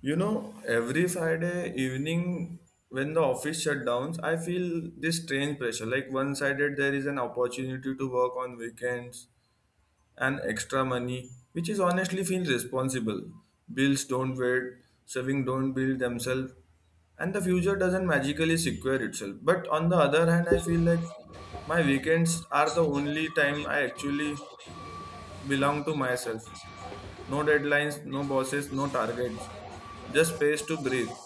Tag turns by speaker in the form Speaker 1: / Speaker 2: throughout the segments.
Speaker 1: You know, every Friday evening when the office shut downs, I feel this strange pressure. Like one sided, there is an opportunity to work on weekends and extra money, which is honestly feels responsible. Bills don't wait, saving don't build themselves, and the future doesn't magically secure itself. But on the other hand, I feel like my weekends are the only time I actually belong to myself. No deadlines, no bosses, no targets, just space to breathe.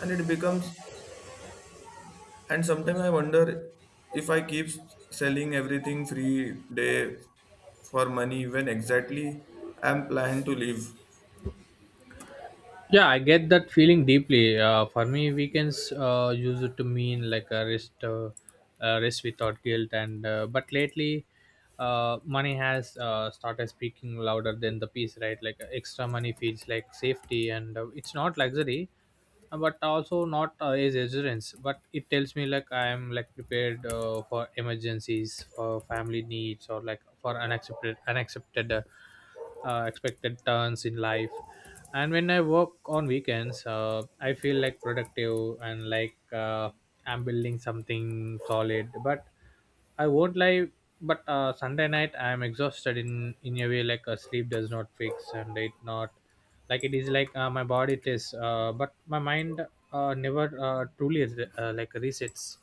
Speaker 1: And it becomes, and sometimes I wonder if I keep selling everything free day for money when exactly I'm planning to live.
Speaker 2: Yeah, I get that feeling deeply. For me weekends used to mean like a rest, a rest without guilt. And But lately money has started speaking louder than the peace, right? Like extra money feels like safety, and it's not luxury, but also not as assurance, but it tells me like I am like prepared for emergencies, for family needs, or like for unaccepted expected turns in life. And when I work on weekends, I feel like productive, and like I'm building something solid, but I won't lie, but Sunday night I am exhausted in a way like a sleep does not fix, and it not like it is, like my body it is, but my mind never truly like resets.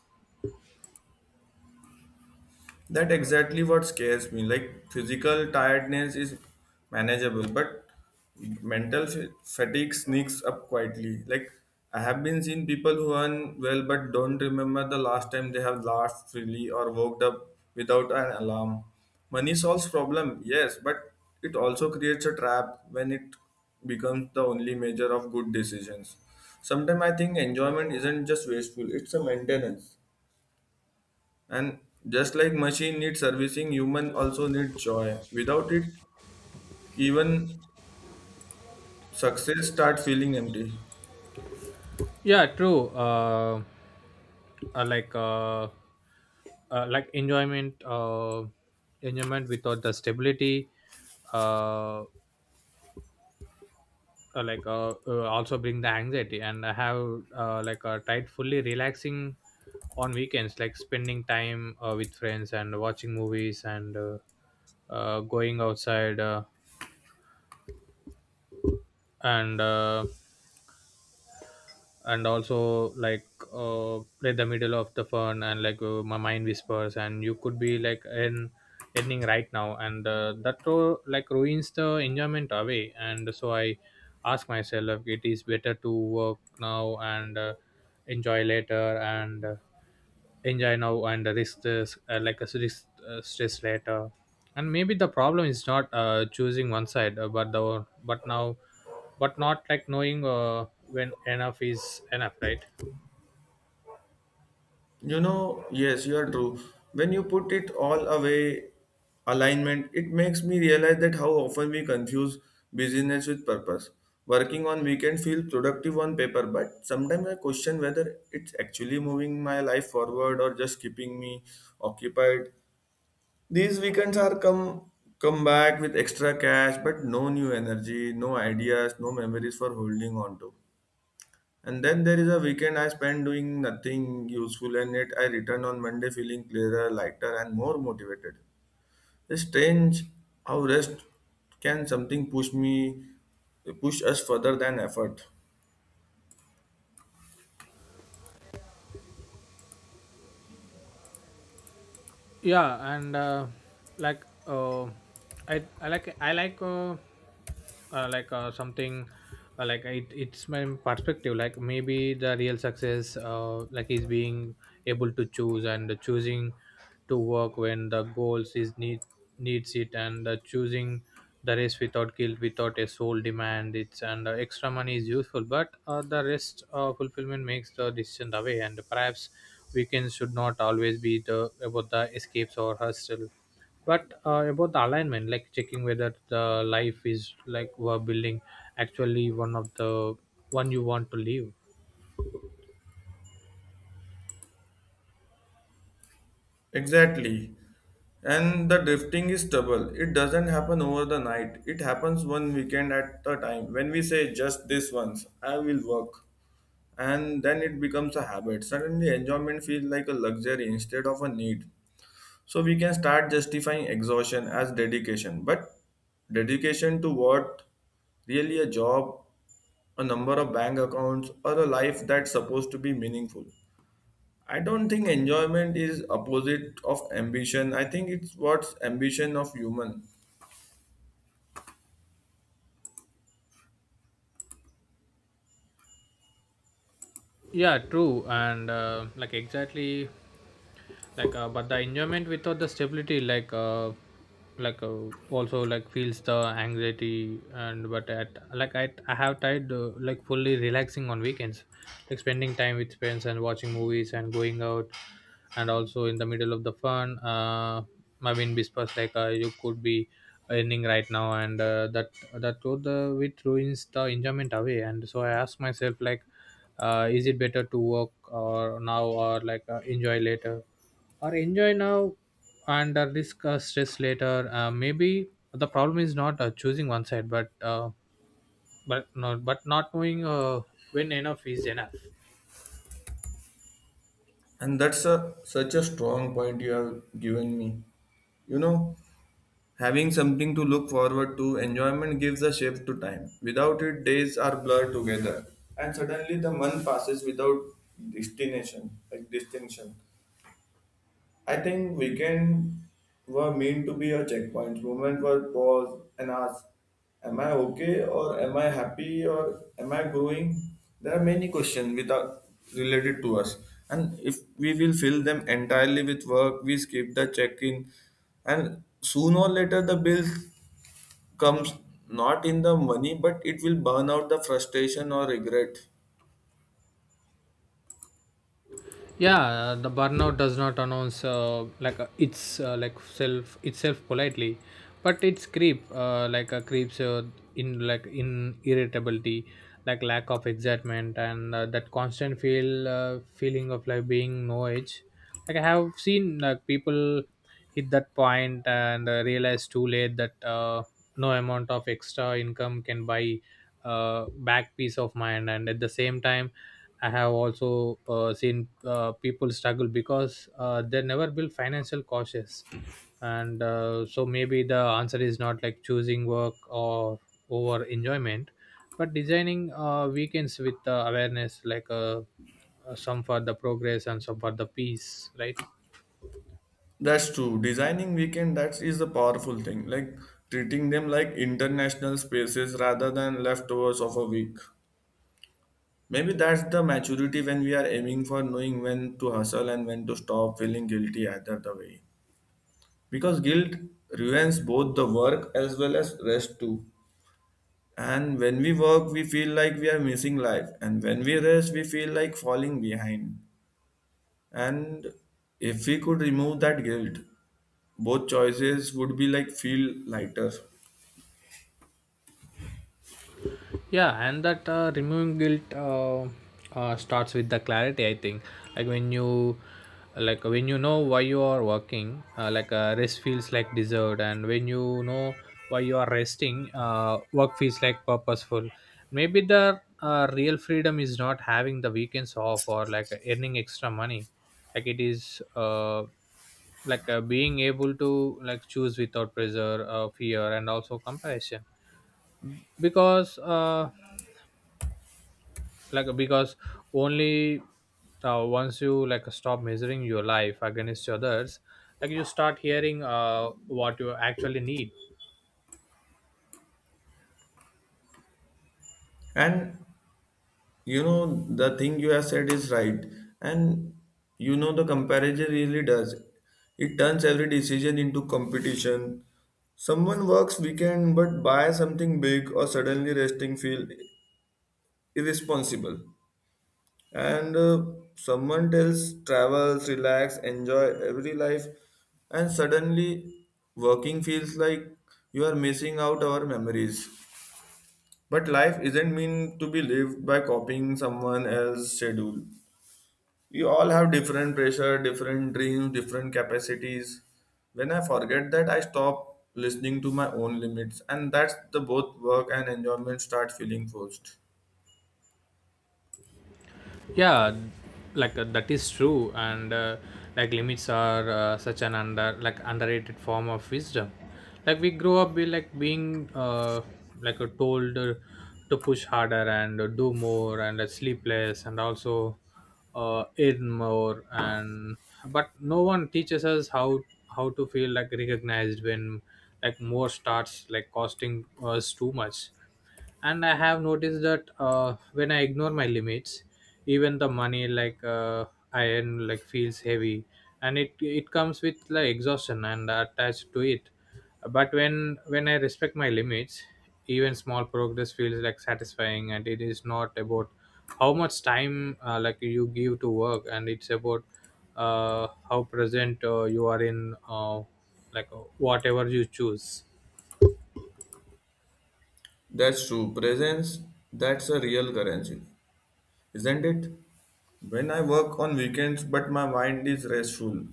Speaker 1: That exactly what scares me. Like physical tiredness is manageable, but mental fatigue sneaks up quietly. Like I have been seen people who earn well but don't remember the last time they have laughed freely or woke up without an alarm. Money solves problem, yes, but it also creates a trap when it becomes the only measure of good decisions. Sometimes I think enjoyment isn't just wasteful; it's a maintenance. And just like machine needs servicing, human also need joy. Without it, even success start feeling empty.
Speaker 2: Yeah, true. Uh, like uh, like enjoyment, enjoyment without the stability. Uh, also bring the anxiety. And I have tried fully relaxing on weekends, like spending time with friends and watching movies, and going outside, and uh, and also like the middle of the fun, and like my mind whispers, and you could be like in ending right now, and that like ruins the enjoyment away. And so I ask myself, it is better to work now and enjoy later, and enjoy now and risk this, like a risk, stress later. And maybe the problem is not choosing one side, but the but now, but not like knowing when enough is enough, right?
Speaker 1: You know, yes, you are true. When you put it all away, alignment, it makes me realize that how often we confuse busyness with purpose. Working on weekend feel productive on paper, but sometimes I question whether it's actually moving my life forward or just keeping me occupied. These weekends are come back with extra cash, but no new energy, no ideas, no memories for holding on to. And then there is a weekend I spend doing nothing useful, and yet I return on Monday feeling clearer, lighter, and more motivated. It's strange how rest can something push us further than effort.
Speaker 2: Yeah. And uh, like uh, I like something, like it's my perspective, like maybe the real success, like is being able to choose, and choosing to work when the goals is needs it, and choosing the race without guilt, without a sole demand. It's and extra money is useful, but the rest, fulfillment makes the decision the way. And perhaps weekends should not always be the about the escapes or hustle, but about the alignment, like checking whether the life is like we're building actually one of the one you want to live.
Speaker 1: Exactly. And the drifting is trouble. It doesn't happen over the night. It happens one weekend at a time. When we say just this once, I will work. And then it becomes a habit. Suddenly enjoyment feels like a luxury instead of a need. So we can start justifying exhaustion as dedication. But dedication to what? Really a job, a number of bank accounts, or a life that's supposed to be meaningful. I don't think enjoyment is opposite of ambition. I think it's what's ambition of human.
Speaker 2: Yeah, true. And Like exactly, like but the enjoyment without the stability, like uh, also like feels the anxiety. And but at like I have tried like fully relaxing on weekends, like spending time with friends and watching movies and going out. And also in the middle of the fun, my wind whispers, like you could be earning right now. And that through the it ruins the enjoyment away. And so I ask myself, like is it better to work or now, or like enjoy later or enjoy now and discuss stress later. Maybe the problem is not choosing one side, but but not knowing when enough is enough.
Speaker 1: And that's a such a strong point you have given me. You know, having something to look forward to, enjoyment gives a shape to time. Without it, days are blurred together. And suddenly the month passes without destination, like distinction. I think weekend were meant to be a checkpoint. Moment were pause and ask, am I okay or am I happy or am I growing? There are many questions without related to us. And if we will fill them entirely with work, we skip the check-in and sooner or later the bill comes not in the money but it will burn out the frustration or regret.
Speaker 2: Yeah. The burnout does not announce like it's like self itself politely, but it's creeps in, like in irritability, like lack of excitement, and that constant feel, feeling of like being no edge. Like I have seen like people hit that point, and realize too late that no amount of extra income can buy back peace of mind. And at the same time, I have also seen people struggle because they never build financial cautious. And so maybe the answer is not like choosing work or over enjoyment, but designing weekends with awareness, like some for the progress and some for the peace, right?
Speaker 1: That's true. Designing weekend that is a powerful thing. Like treating them like international spaces rather than leftovers of a week. Maybe that's the maturity when we are aiming for knowing when to hustle and when to stop feeling guilty either the way. Because guilt ruins both the work as well as rest too. And when we work, we feel like we are missing life. And when we rest, we feel like falling behind. And if we could remove that guilt, both choices would be like feel lighter.
Speaker 2: Yeah. And that removing guilt, starts with the clarity, I think. like when you like when you know why you are working, like rest feels like dessert. And when you know why you are resting, work feels like purposeful. Maybe the real freedom is not having the weekends off or like earning extra money, like it is like being able to like choose without pressure, fear, and also comparison. Because because only once you like stop measuring your life against others, like you start hearing what you actually need.
Speaker 1: And you know, the thing you have said is right. And you know, the comparison really does. It turns every decision into competition. Someone works weekend but buys something big or suddenly resting feel irresponsible. And Someone tells travels relax enjoy every life and suddenly working feels like you are missing out our memories. But life isn't meant to be lived by copying someone else's schedule. You all have different pressure different dreams different capacities. When I forget that I stop listening to my own limits, and that's the both work and enjoyment start feeling forced.
Speaker 2: Yeah, like that is true. And like limits are such an under, like underrated form of wisdom. Like we grow up with like being, told to push harder, and do more, and sleep less, and also earn more. And but no one teaches us how to feel like recognized when like more starts like costing us too much. And I have noticed that when I ignore my limits, even the money like I earn like feels heavy, and it comes with like exhaustion and attached to it. But when I respect my limits, even small progress feels like satisfying. And it is not about how much time like you give to work, and it's about how present you are in whatever you choose.
Speaker 1: That's true presence, that's a real currency, isn't it? When I work on weekends, but my mind is restful.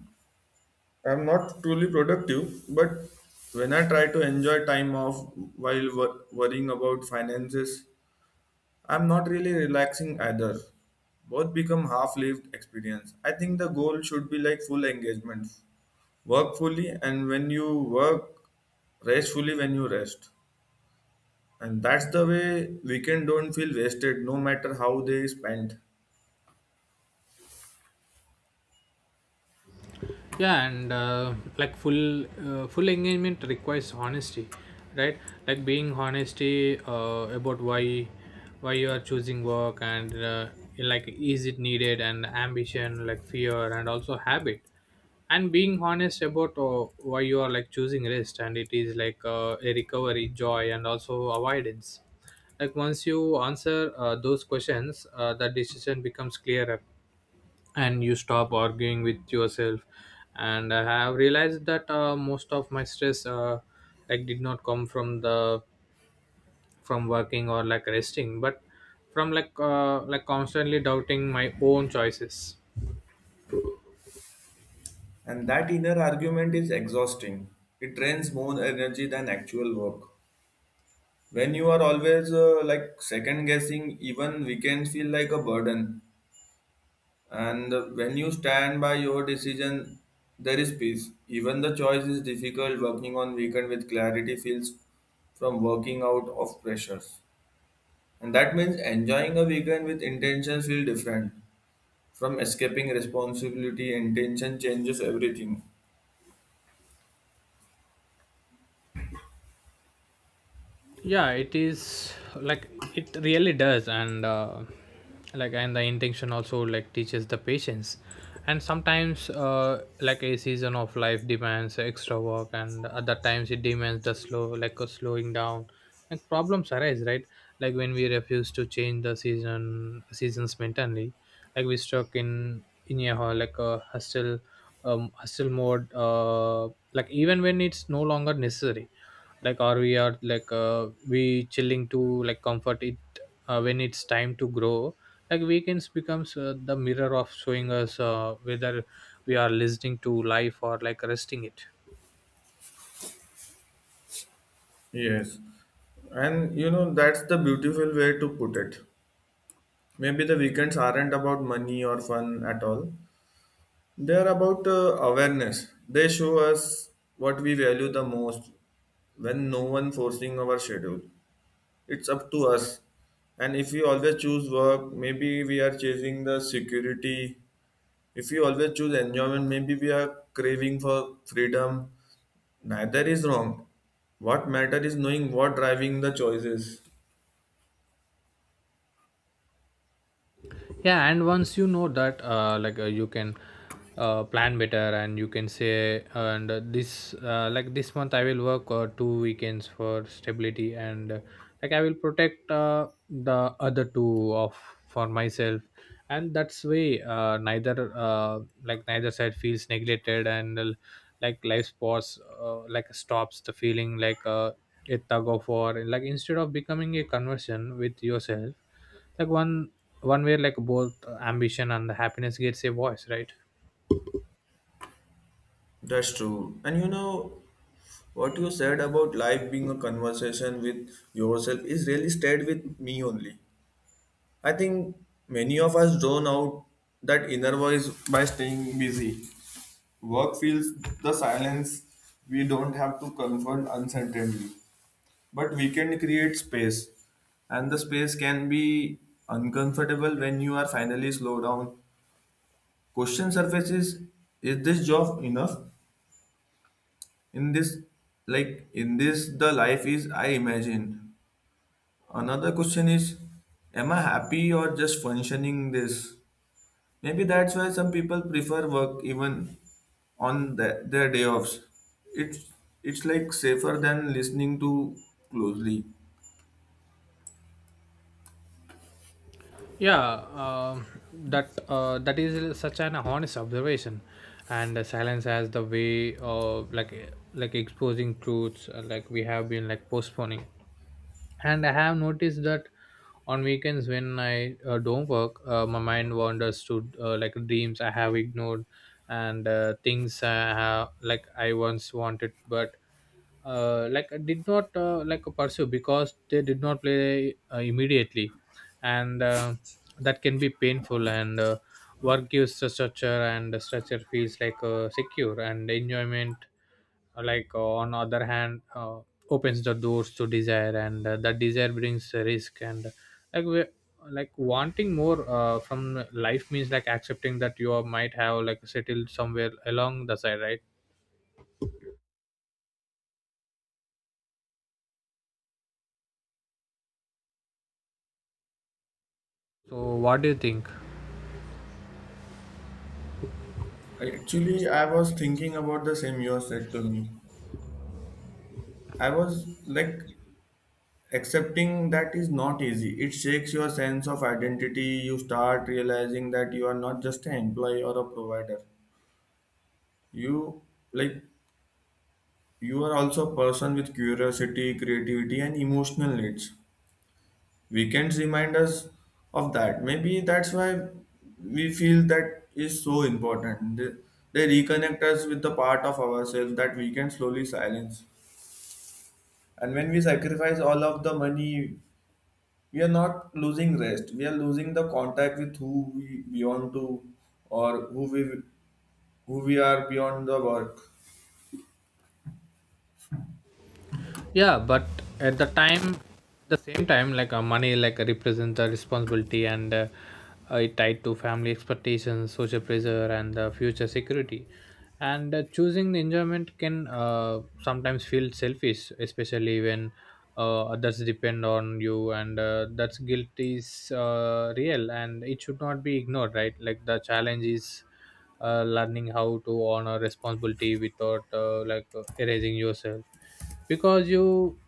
Speaker 1: I'm not truly productive, but when I try to enjoy time off while worrying about finances, I'm not really relaxing either. Both become half lived experience. I think the goal should be like full engagement. Work fully, and when you work, rest fully when you rest. And that's the way weekend don't feel wasted no matter how they spent.
Speaker 2: Yeah. And like full, full engagement requires honesty, right? Like being honesty about why you are choosing work, and like is it needed, and ambition, like fear, and also habit. And being honest about why you are like choosing rest, and it is like a recovery, joy, and also avoidance. Like once you answer those questions, the decision becomes clearer, and you stop arguing with yourself. And I have realized that most of my stress, like did not come from the, from working or like resting, but from like constantly doubting my own choices.
Speaker 1: And that inner argument is exhausting. It drains more energy than actual work. When you are always like second guessing, even weekends feel like a burden. And when you stand by your decision, there is peace. Even the choice is difficult. Working on weekend with clarity feels from working out of pressures. And that means enjoying a weekend with intention feel different from escaping responsibility. Intention changes everything.
Speaker 2: Yeah, it is like, it really does. And like, and the intention also like teaches the patience. And sometimes, like a season of life demands extra work, and other times it demands the slow, like a slowing down. Like problems arise, right? Like when we refuse to change the seasons mentally, like we stuck in a like a hustle, hustle mode, like even when it's no longer necessary. Like or we are like we chilling to like comfort it, when it's time to grow. Like weekends becomes the mirror of showing us whether we are listening to life or like resting it.
Speaker 1: Yes, and you know, that's the beautiful way to put it. Maybe the weekends aren't about money or fun at all, they're about awareness. They show us what we value the most when no one forcing our schedule. It's up to us. And if we always choose work, maybe we are chasing the security. If we always choose enjoyment, maybe we are craving for freedom. Neither is wrong. What matter is knowing what driving the choices.
Speaker 2: Yeah. And once you know that, you can plan better, and you can say and this like this month I will work two weekends for stability, and like I will protect the other two of for myself. And that's way neither, neither side feels neglected. And like life sports, like stops the feeling like a tug of war, like instead of becoming a conversion with yourself. Like one way, like both ambition and the happiness gets a voice, right?
Speaker 1: That's true. And you know, what you said about life being a conversation with yourself is really stayed with me only. I think many of us drown out that inner voice by staying busy. Work feels the silence we don't have to confront uncertainly. But we can create space. And the space can be uncomfortable when you are finally slow down. Question surfaces, is this job enough? In this like in this the life is I imagine another question is am I happy or just functioning this maybe that's why some people prefer work even on the, their day offs. it's it's like safer than listening to closely.
Speaker 2: Yeah. um, that that is such an honest observation. And silence has the way of like exposing truths like we have been like postponing. And I have noticed that on weekends, when I don't work, my mind wanders to like dreams I have ignored, and things I have like I once wanted, but did not like pursue because they did not play immediately. And that can be painful. And work gives a structure, and the structure feels like secure. And enjoyment on other hand, opens the doors to desire. And that desire brings a risk, and like we, like wanting more from life means like accepting that you are- might have like settled somewhere along the side, right? So what do you think?
Speaker 1: Actually I was thinking about the same you said to me. I was like accepting that is not easy. It shakes your sense of identity. You start realizing that you are not just an employee or a provider. You like you are also a person with curiosity, creativity, and emotional needs. Weekends remind us of that. Maybe that's why we feel that is so important. They reconnect us with the part of ourselves that we can slowly silence. And when we sacrifice all of the money, we are not losing rest, we are losing the contact with who we belong to, or who we are beyond the work.
Speaker 2: Yeah, but at the time, the same time, like money like represents the responsibility, and it tied to family expectations, social pressure, and future security. And choosing the enjoyment can sometimes feel selfish, especially when others depend on you, and that's guilt is real, and it should not be ignored, right? Like the challenge is learning how to honor responsibility without erasing yourself. Because you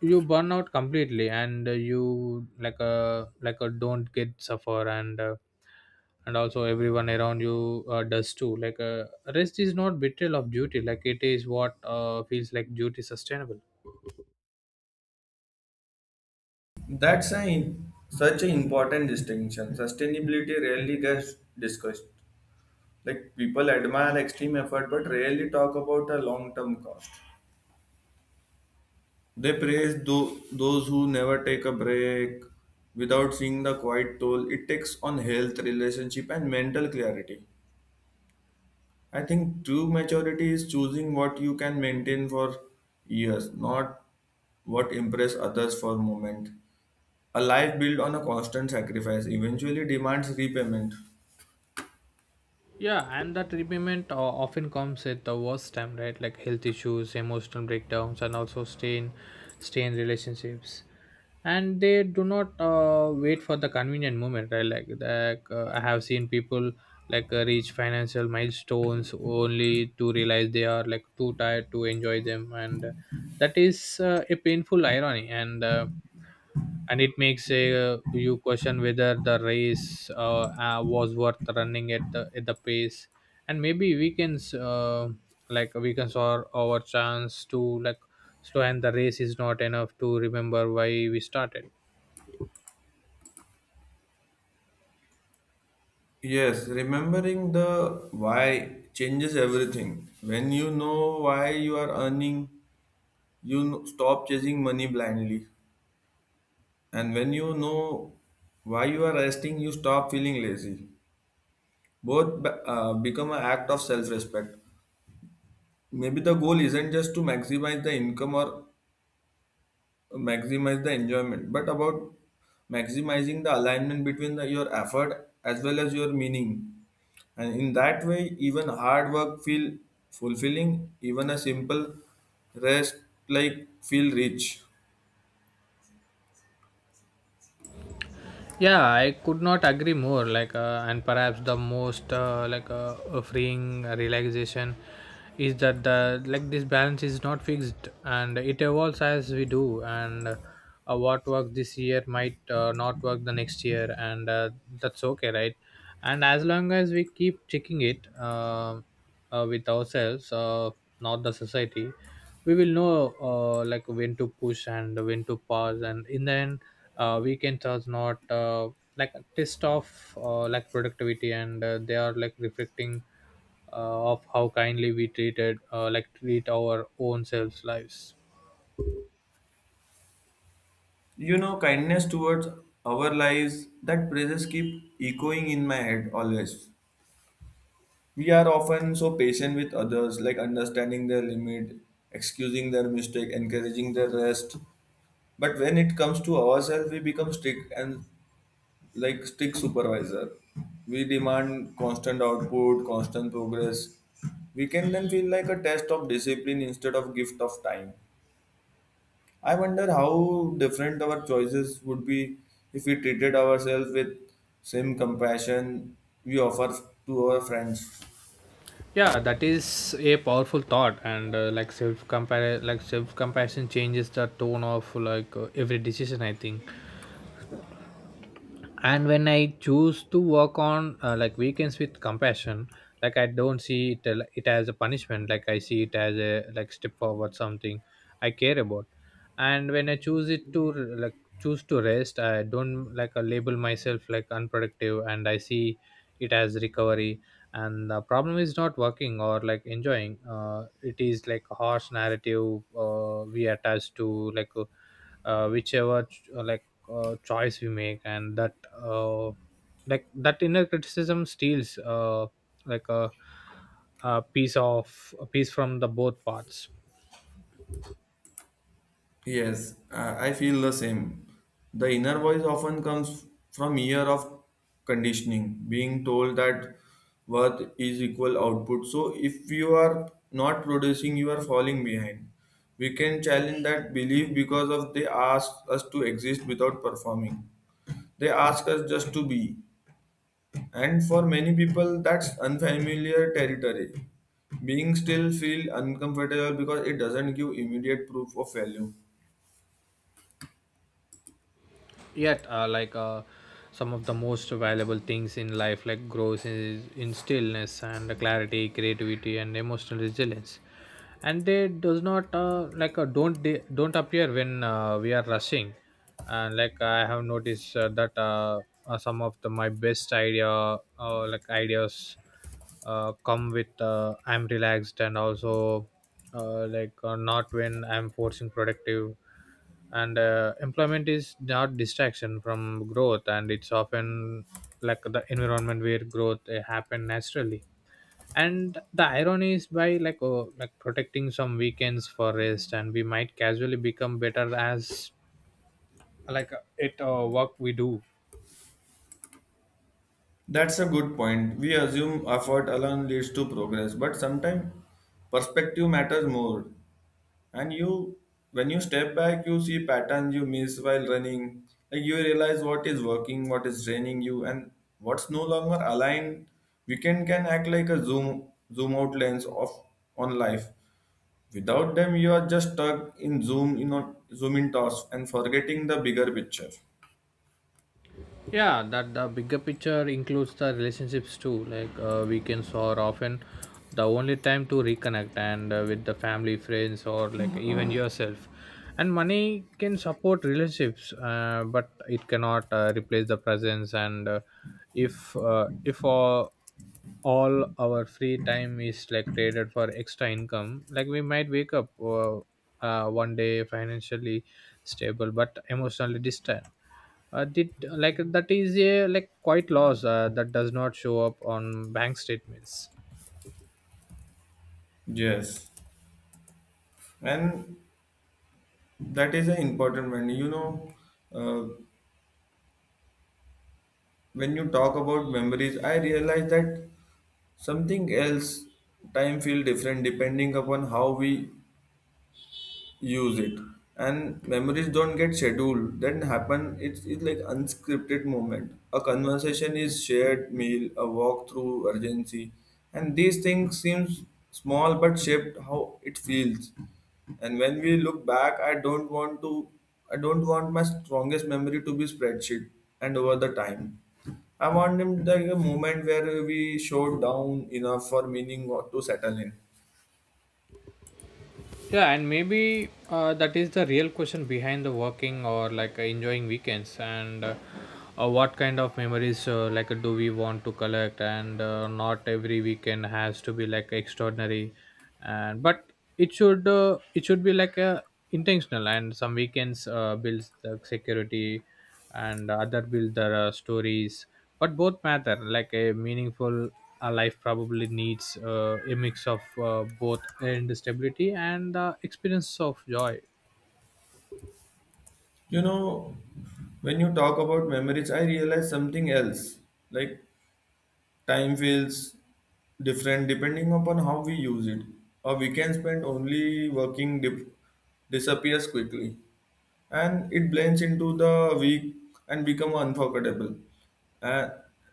Speaker 2: you burn out completely, and you like a don't get suffer, and and also everyone around you does too. Like rest is not betrayal of duty, like it is what feels like duty sustainable.
Speaker 1: That's a such an important distinction. Sustainability rarely gets discussed. Like people admire extreme effort but rarely talk about a long-term cost. They praise those who never take a break without seeing the quiet toll it takes on health relationship and mental clarity. I think true maturity is choosing what you can maintain for years, not what impress others for a moment. A life built on a constant sacrifice eventually demands repayment.
Speaker 2: Yeah, and that repayment often comes at the worst time, right? Like health issues, emotional breakdowns, and also strain relationships. And they do not wait for the convenient moment, right? Like I have seen people reach financial milestones only to realize they are like too tired to enjoy them, and that is a painful irony, and it makes you question whether the race was worth running at the pace. And maybe weekends or our chance to like slow, and the race is not enough to remember why we started.
Speaker 1: Yes, remembering the why changes everything. When you know why you are earning, you stop chasing money blindly. And when you know why you are resting, you stop feeling lazy. Both become an act of self respect. Maybe the goal isn't just to maximize the income or maximize the enjoyment but about maximizing the alignment between the, your effort as well as your meaning. And in that way even hard work feel fulfilling, even a simple rest like feel rich.
Speaker 2: Yeah, I could not agree more. And perhaps the most freeing relaxation is that the like this balance is not fixed and it evolves as we do, and what worked this year might not work the next year, and that's okay, right? And as long as we keep checking it with ourselves, not the society, we will know like when to push and when to pause. And in the end weekends are not like a test of like productivity, and they are like reflecting of how kindly we treated, like treat our own selves lives.
Speaker 1: You know, kindness towards our lives, that praises keep echoing in my head always. We are often so patient with others, like understanding their limit, excusing their mistake, encouraging their rest. But when it comes to ourselves, we become strict and like strict supervisor. We demand constant output, constant progress. We can then feel like a test of discipline instead of gift of time. I wonder how different our choices would be if we treated ourselves with same compassion we offer to our friends.
Speaker 2: Yeah, that is a powerful thought, and like self compare like self compassion changes the tone of every decision, I think. And when I choose to work on like weekends with compassion, like I don't see it as a punishment, like I see it as a like step forward something I care about. And when I choose to rest, I don't label myself like unproductive, and I see it as recovery. And the problem is not working or like enjoying, it is like a harsh narrative we attach to like whichever ch- like choice we make. And that, uh, like that inner criticism steals, like a, a piece of a piece from the both parts.
Speaker 1: Yes, I feel the same. The inner voice often comes from year of conditioning, being told that worth is equal output. So if you are not producing, you are falling behind. We can challenge that belief because of they ask us to exist without performing. They ask us just to be. And for many people, that's unfamiliar territory. Being still feel uncomfortable because it doesn't give immediate proof of value.
Speaker 2: Yet some of the most valuable things in life like growth is in stillness, and clarity, creativity, and emotional resilience, and they does not don't appear when we are rushing. And like I have noticed that some of the my best idea like ideas come with I'm relaxed, and also not when I'm forcing productive. And employment is not distraction from growth, and it's often like the environment where growth happen naturally. And the irony is by like oh, like protecting some weekends for rest, and we might casually become better as like it work we do.
Speaker 1: That's a good point. We assume effort alone leads to progress, but sometimes perspective matters more. And you, when you step back, you see patterns you miss while running. Like you realize what is working, what is draining you, and what's no longer aligned. Weekend can act like a zoom out lens of on life. Without them, you are just stuck in zoom in thoughts and forgetting the bigger picture.
Speaker 2: Yeah, that the bigger picture includes the relationships too, like weekends are often the only time to reconnect, and with the family, friends, or like even yourself. And money can support relationships, but it cannot replace the presence. And if all, all our free time is like traded for extra income, like we might wake up one day financially stable but emotionally distant. Uh, did like that is a like quite loss that does not show up on bank statements.
Speaker 1: Yes, and that is an important one. You know, uh, when you talk about memories, I realize that something else time feel different depending upon how we use it. And memories don't get scheduled that happen, it's like unscripted moment, a conversation is shared meal, a walk through urgency. And these things seems small but shaped how it feels. And when we look back, I don't want my strongest memory to be spreadsheet. And over the time I want him like a moment where we showed down enough for meaning or to settle in.
Speaker 2: Yeah, and maybe that is the real question behind the working or like enjoying weekends. And what kind of memories like do we want to collect? And not every weekend has to be like extraordinary, and but it should, it should be like a intentional. And some weekends builds the security, and other build their stories, but both matter. Like a meaningful life probably needs a mix of both, and stability and the experience of joy.
Speaker 1: You know, when you talk about memories, I realize something else. Like time feels different depending upon how we use it. A weekend spent only working disappears quickly and it blends into the week and become unforgettable. Uh,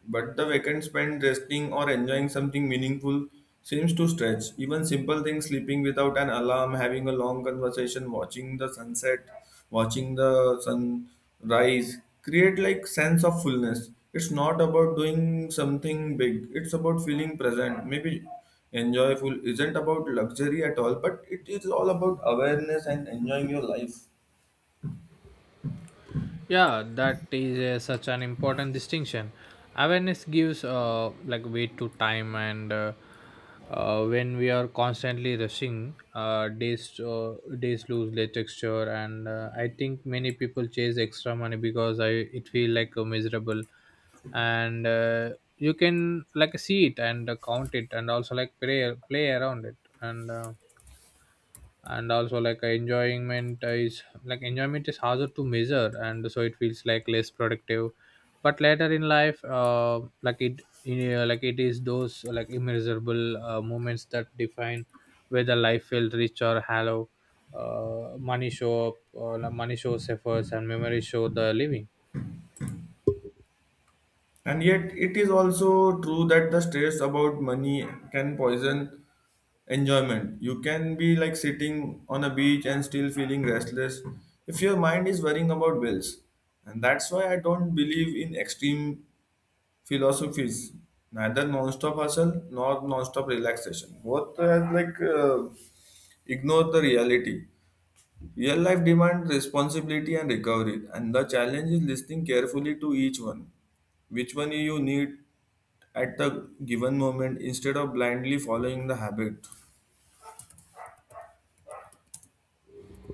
Speaker 1: but the weekend spent resting or enjoying something meaningful seems to stretch. Even simple things, sleeping without an alarm, having a long conversation, watching the sunset, watching the sun rise, create like sense of fullness. It's not about doing something big. It's about feeling present. Maybe enjoyful isn't about luxury at all, but it is all about awareness and enjoying your life.
Speaker 2: Yeah, that is such an important distinction. Awareness gives like weight to time, and when we are constantly rushing days days lose their texture. And I think many people chase extra money, because I it feel like miserable, and you can like see it and count it, and also like play around it. And and also like enjoyment is harder to measure, and so it feels like less productive. But later in life, it is those like immeasurable moments that define whether life felt rich or hollow. Money shows efforts, and memories show the living.
Speaker 1: And yet, it is also true that the stress about money can poison enjoyment. You can be like sitting on a beach and still feeling restless if your mind is worrying about bills. And that's why I don't believe in extreme philosophies, neither non-stop hustle nor non-stop relaxation. Both are like ignore the reality. Real life demands responsibility and recovery, and the challenge is listening carefully to each one. Which one you need at the given moment instead of blindly following the habit.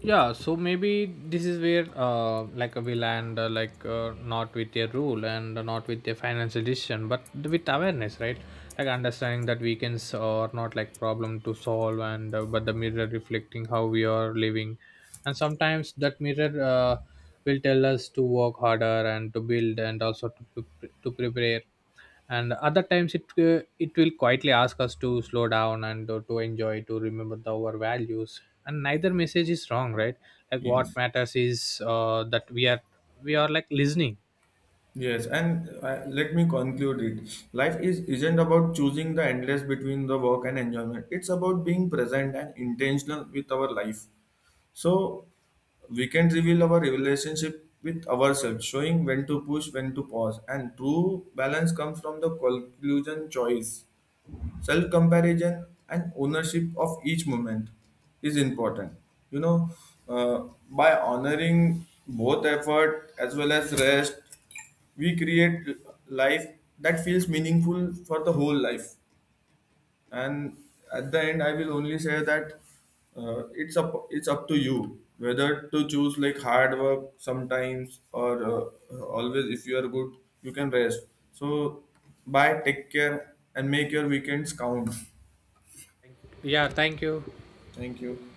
Speaker 2: Yeah, so maybe this is where like we land, not with a rule and not with a financial decision, but with awareness, right? Like understanding that weekends are not like problem to solve, and but the mirror reflecting how we are living. And sometimes that mirror will tell us to work harder and to build, and also to, pre- to prepare. And other times it, it will quietly ask us to slow down and to enjoy, to remember our values. And neither message is wrong, right? Like what
Speaker 1: Yes.
Speaker 2: matters is that we are like listening.
Speaker 1: Yes, and let me conclude it. Life is isn't about choosing the endless between the work and enjoyment. It's about being present and intentional with our life. So we can reveal our relationship with ourselves, showing when to push, when to pause, and true balance comes from the conclusion choice. Self comparison and ownership of each moment is important. You know, uh, by honoring both effort as well as rest, we create life that feels meaningful for the whole life. And at the end I will only say that it's up to you whether to choose like hard work sometimes or always. If you are good you can rest. So bye, take care and make your weekends count.
Speaker 2: Yeah, thank you.
Speaker 1: Thank you.